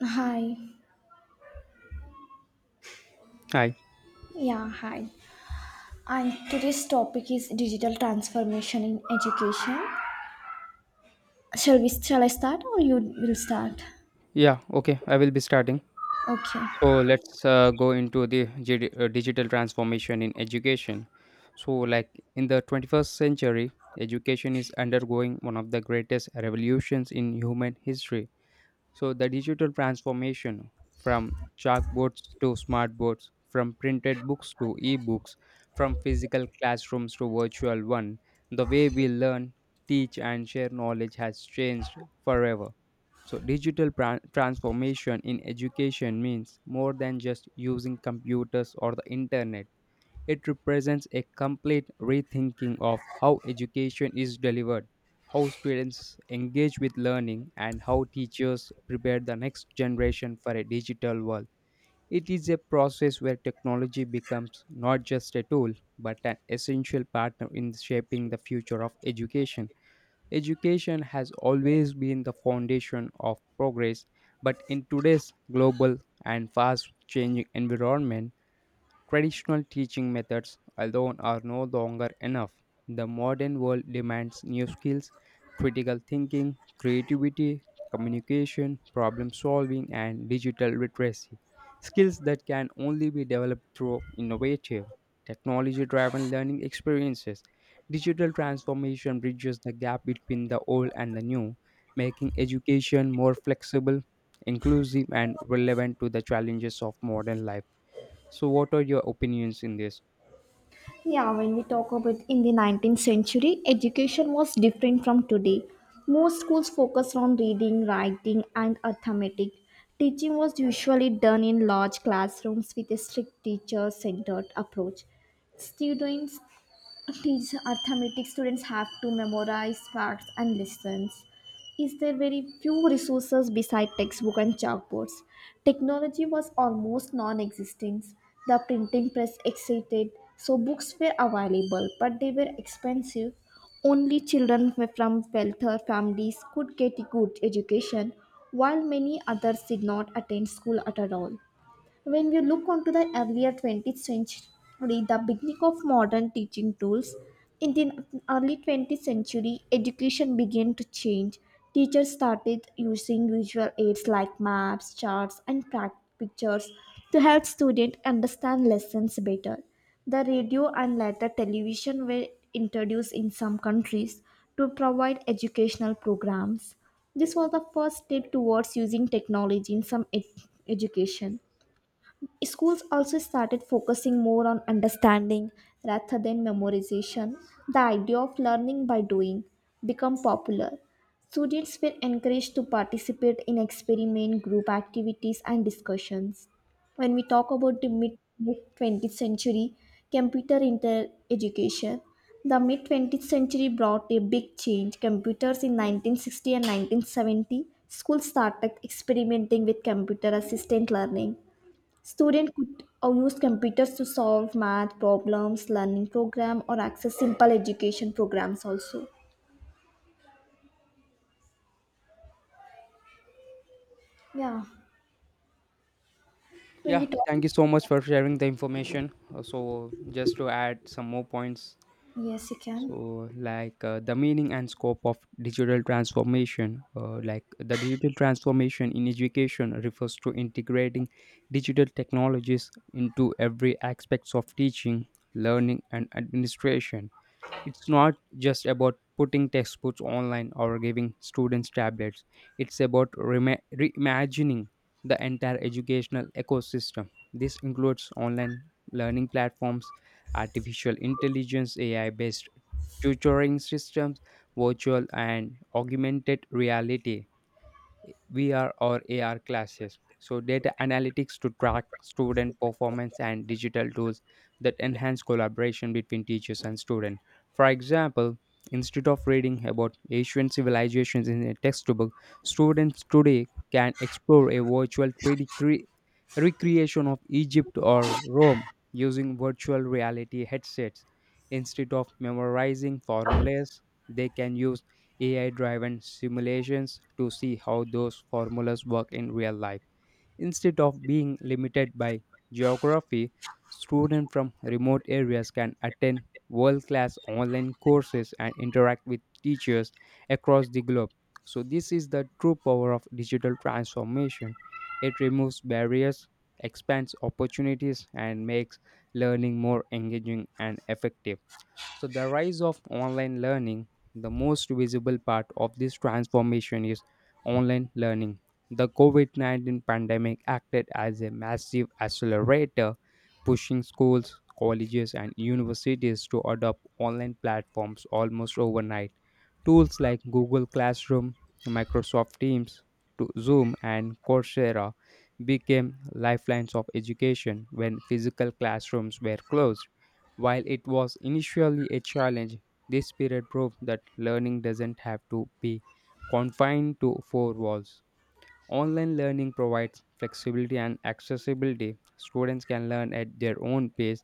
Hi. Hi. Yeah, hi. And today's topic is digital transformation in education. Shall I start or you will start? Yeah, okay, I will be starting. Okay. So let's go into the digital transformation in education. So, in the 21st century, education is undergoing one of the greatest revolutions in human history. So the digital transformation from chalkboards to smartboards, from printed books to e-books, from physical classrooms to virtual one, the way we learn, teach and share knowledge has changed forever. So digital transformation in education means more than just using computers or the internet. It represents a complete rethinking of how education is delivered, how students engage with learning, and how teachers prepare the next generation for a digital world. It is a process where technology becomes not just a tool, but an essential partner in shaping the future of education. Education has always been the foundation of progress, but in today's global and fast changing environment, traditional teaching methods alone are no longer enough. The modern world demands new skills: critical thinking, creativity, communication, problem solving, and digital literacy. Skills that can only be developed through innovative, technology driven learning experiences. Digital transformation bridges the gap between the old and the new, making education more flexible, inclusive, and relevant to the challenges of modern life. So, what are your opinions in this? Yeah, when we talk about in the 19th century, education was different from today. Most schools focused on reading, writing, and arithmetic. Teaching was usually done in large classrooms with a strict teacher centered approach. Students teach arithmetic students have to memorize facts and lessons. Is there very few resources beside textbook and chalkboards. Technology was almost non-existent. The printing press existed, so books were available but they were expensive. Only children from wealthier families could get good education, while many others did not attend school at all. When we look onto the earlier 20th century, the beginning of modern teaching tools, in the early 20th century, education began to change. Teachers started using visual aids like maps, charts, and pictures to help students understand lessons better. The radio and later television were introduced in some countries to provide educational programs. This was the first step towards using technology in some education. Schools also started focusing more on understanding rather than memorization. The idea of learning by doing became popular. Students were encouraged to participate in experiment group activities and discussions. When we talk about the mid 20th century, computer inter education, the mid 20th century brought a big change. Computers in 1960 and 1970, schools started experimenting with computer assisted learning. Students could use computers to solve math problems, learning program, or access simple education programs also. Yeah. When Yeah, we talk, thank you so much for sharing the information. So, just to add some more points. yes, you can. So, the meaning and scope of digital transformation, like the digital transformation in education refers to integrating digital technologies into every aspects of teaching, learning, and administration. It's not just about putting textbooks online or giving students tablets, it's about rema reimagining the entire educational ecosystem. This includes online learning platforms, artificial intelligence, AI based tutoring systems, virtual and augmented reality, VR or AR classes. So, data analytics to track student performance and digital tools that enhance collaboration between teachers and students. For example, instead of reading about Asian civilizations in a textbook, students today can explore a virtual 3D recreation of Egypt or Rome using virtual reality headsets. Instead of memorizing formulas, they can use AI driven simulations to see how those formulas work in real life. Instead of being limited by geography, students from remote areas can attend world class online courses and interact with teachers across the globe. So, this is the true power of digital transformation. It removes barriers, expands opportunities, and makes learning more engaging and effective. So, the rise of online learning, the most visible part of this transformation is online learning. The COVID 19 pandemic acted as a massive accelerator, pushing schools, colleges, and universities to adopt online platforms almost overnight. Tools like Google Classroom, Microsoft Teams, to Zoom, and Coursera became lifelines of education when physical classrooms were closed. While it was initially a challenge, this period proved that learning doesn't have to be confined to four walls. Online learning provides flexibility and accessibility. Students can learn at their own pace,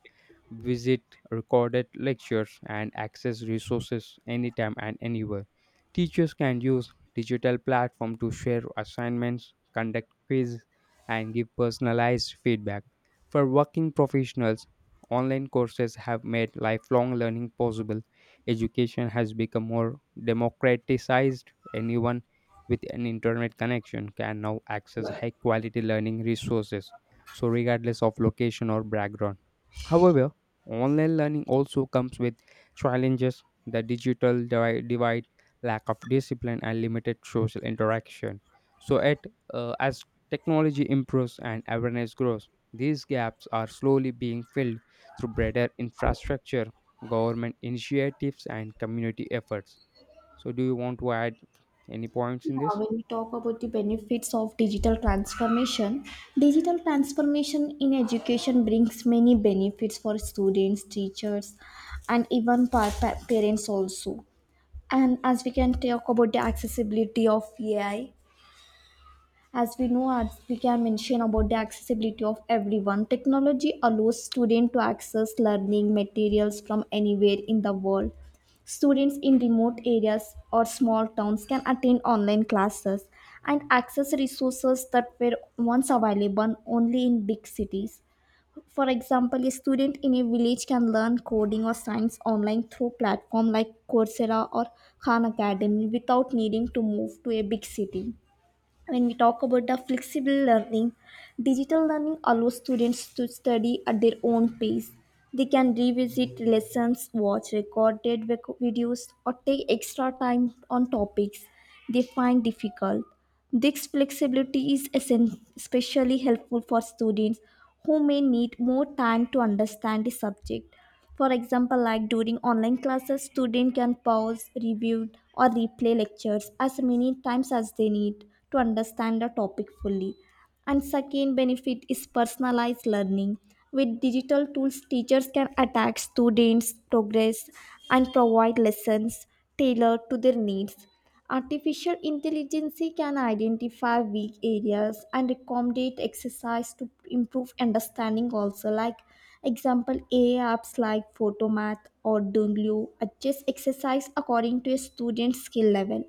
visit recorded lectures, and access resources anytime and anywhere. Teachers can use digital platform to share assignments, conduct quizzes, and give personalized feedback. For working professionals, online courses have made lifelong learning possible. Education has become more democratized. Anyone with an internet connection can now access high quality learning resources, so regardless of location or background. However, online learning also comes with challenges: the divide, lack of discipline, and limited social interaction. So, as technology improves and awareness grows, these gaps are slowly being filled through better infrastructure, government initiatives, and community efforts. So, do you want to add any points in Yeah, this? when we talk about the benefits of digital transformation in education brings many benefits for students, teachers, and even parents also. And as we can talk about the accessibility of AI, as we know, as we can mention about the accessibility of everyone, technology allows students to access learning materials from anywhere in the world. Students in remote areas or small towns can attend online classes and access resources that were once available only in big cities. For example, a student in a village can learn coding or science online through platforms like Coursera or Khan Academy without needing to move to a big city. When we talk about the flexible learning, digital learning allows students to study at their own pace. They can revisit lessons, watch recorded videos, or take extra time on topics they find difficult. This flexibility is especially helpful for students who may need more time to understand the subject. For example, like during online classes, students can pause, review, or replay lectures as many times as they need to understand the topic fully. And second benefit is personalized learning. With digital tools, teachers can attack students' progress and provide lessons tailored to their needs. Artificial intelligence can identify weak areas and accommodate exercise to improve understanding also. Like example, AI apps like photomath or Dunloo adjust exercise according to a student's skill level,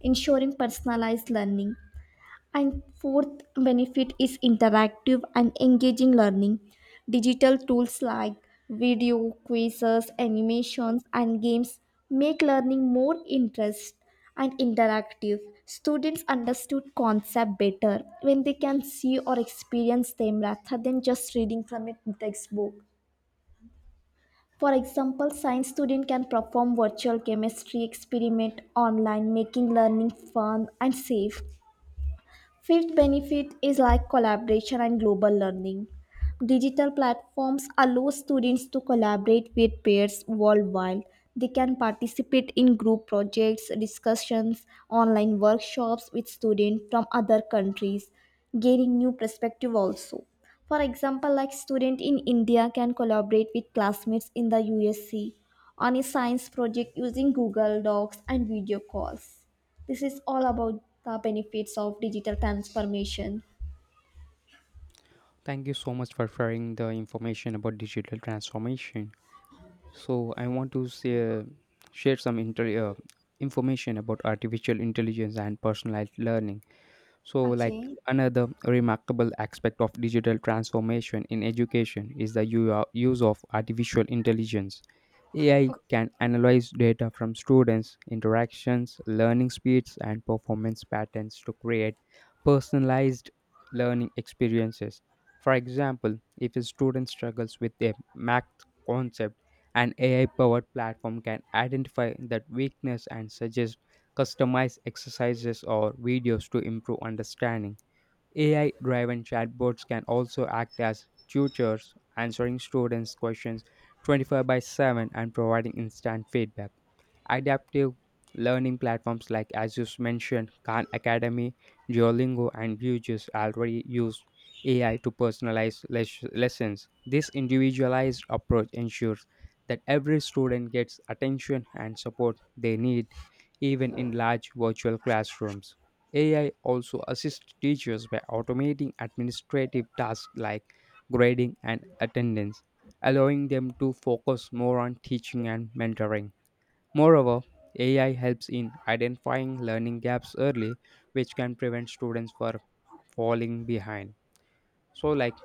ensuring personalized learning. And fourth benefit is interactive and engaging learning. Digital tools like video, quizzes, animations, and games make learning more interest and interactive. Students understood concept better when they can see or experience them rather than just reading from a textbook. For example, science student can perform virtual chemistry experiment online, making learning fun and safe. Fifth benefit is like collaboration and global learning. Digital platforms allow students to collaborate with peers worldwide. They can participate in group projects, discussions, online workshops with students from other countries, gaining new perspective also. For example, like student in India can collaborate with classmates in the USC on a science project using Google Docs and video calls. This is all about the benefits of digital transformation. Thank you so much for sharing the information about digital transformation. So I want to say, share some information about artificial intelligence and personalized learning. So, like Okay. another remarkable aspect of digital transformation in education is the use of artificial intelligence. AI can analyze data from students' interactions, learning speeds, and performance patterns to create personalized learning experiences. For example, if a student struggles with a math concept, an AI powered platform can identify that weakness and suggest customize exercises or videos to improve understanding. AI driven chatbots can also act as tutors, answering students' questions 24 by 7 and providing instant feedback. Adaptive learning platforms like, as you mentioned, Khan Academy, Duolingo, and Vue's already use AI to personalize lessons. This individualized approach ensures that every student gets attention and support they need, even in large virtual classrooms. AI also assists teachers by automating administrative tasks like grading and attendance, allowing them to focus more on teaching and mentoring. Moreover, AI helps in identifying learning gaps early, which can prevent students from falling behind. So, like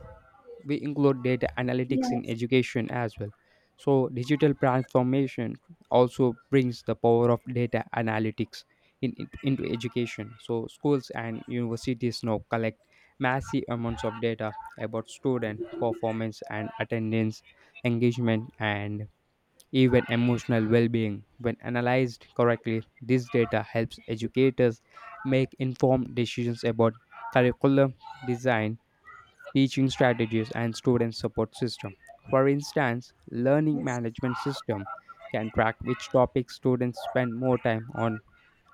we include data analytics in Yes. education as well. So, digital transformation also brings the power of data analytics into education. So, schools and universities now collect massive amounts of data about student performance and attendance, engagement, and even emotional well-being. When analyzed correctly, this data helps educators make informed decisions about curriculum design, teaching strategies, and student support system. For instance, learning management system can track which topics students spend more time on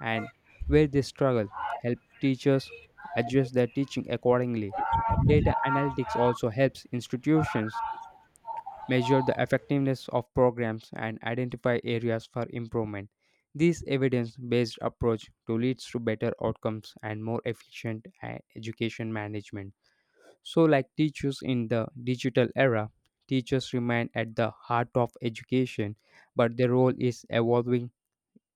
and where they struggle, help teachers adjust their teaching accordingly. Data analytics also helps institutions measure the effectiveness of programs, and identify areas for improvement. This evidence based approach to leads to better outcomes and more efficient education management. So, like teachers in the digital era, teachers remain at the heart of education, but their role is evolving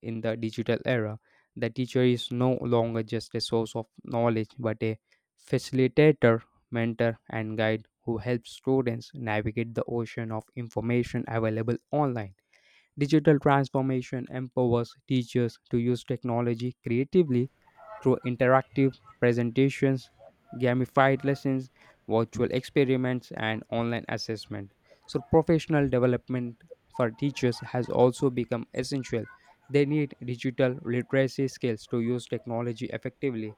in the digital era. The teacher is no longer just a source of knowledge but a facilitator, mentor, and guide who helps students navigate the ocean of information available online. Digital transformation empowers teachers to use technology creatively through interactive presentations, gamified lessons, virtual experiments, and online assessment. So, professional development for teachers has also become essential. They need digital literacy skills to use technology effectively,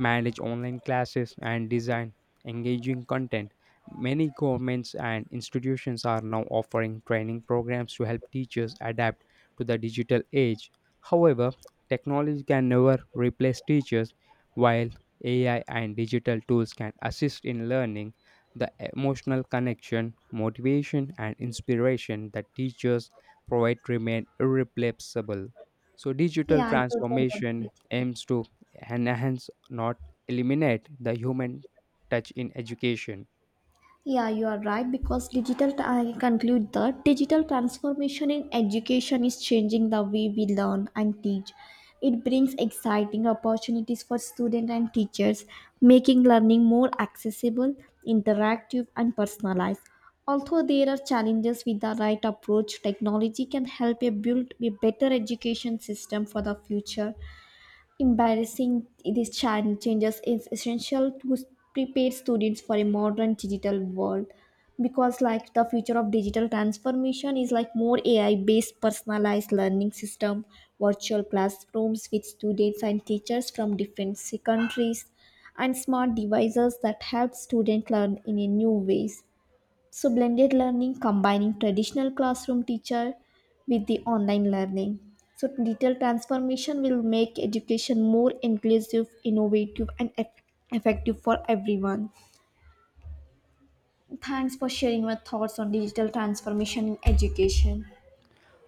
manage online classes, and design engaging content. Many governments and institutions are now offering training programs to help teachers adapt to the digital age. However, technology can never replace teachers, while AI and digital tools can assist in learning. The emotional connection, motivation, and inspiration that teachers provide remain irreplaceable. So, digital Yeah, I totally agree transformation with you. aims to enhance, not eliminate, the human touch in education. Yeah, you are right because digital, I conclude that digital transformation in education is changing the way we learn and teach. It brings exciting opportunities for students and teachers, making learning more accessible, interactive, and personalized. Although there are challenges with the right approach, technology can help you build a better education system for the future. Embarrassing these changes is essential to prepare students for a modern digital world, because like the future of digital transformation is like more ai based personalized learning system, virtual classrooms with students and teachers from different countries, and smart devices that help students learn in a new ways. So, blended learning combining traditional classroom teacher with the online learning. So, digital transformation will make education more inclusive, innovative, and effective for everyone. Thanks for sharing your thoughts on digital transformation in education.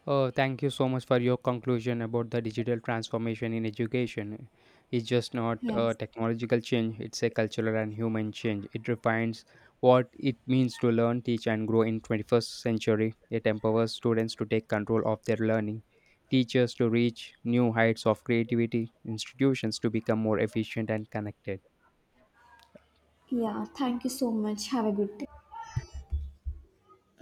Oh, thank you so much for your conclusion about the digital transformation in education. It's just not a Yes. technological change, it's a cultural and human change. It refines what it means to learn, teach, and grow in 21st century. It empowers students to take control of their learning, teachers to reach new heights of creativity, institutions to become more efficient and connected. Yeah. Thank you so much. Have a good day.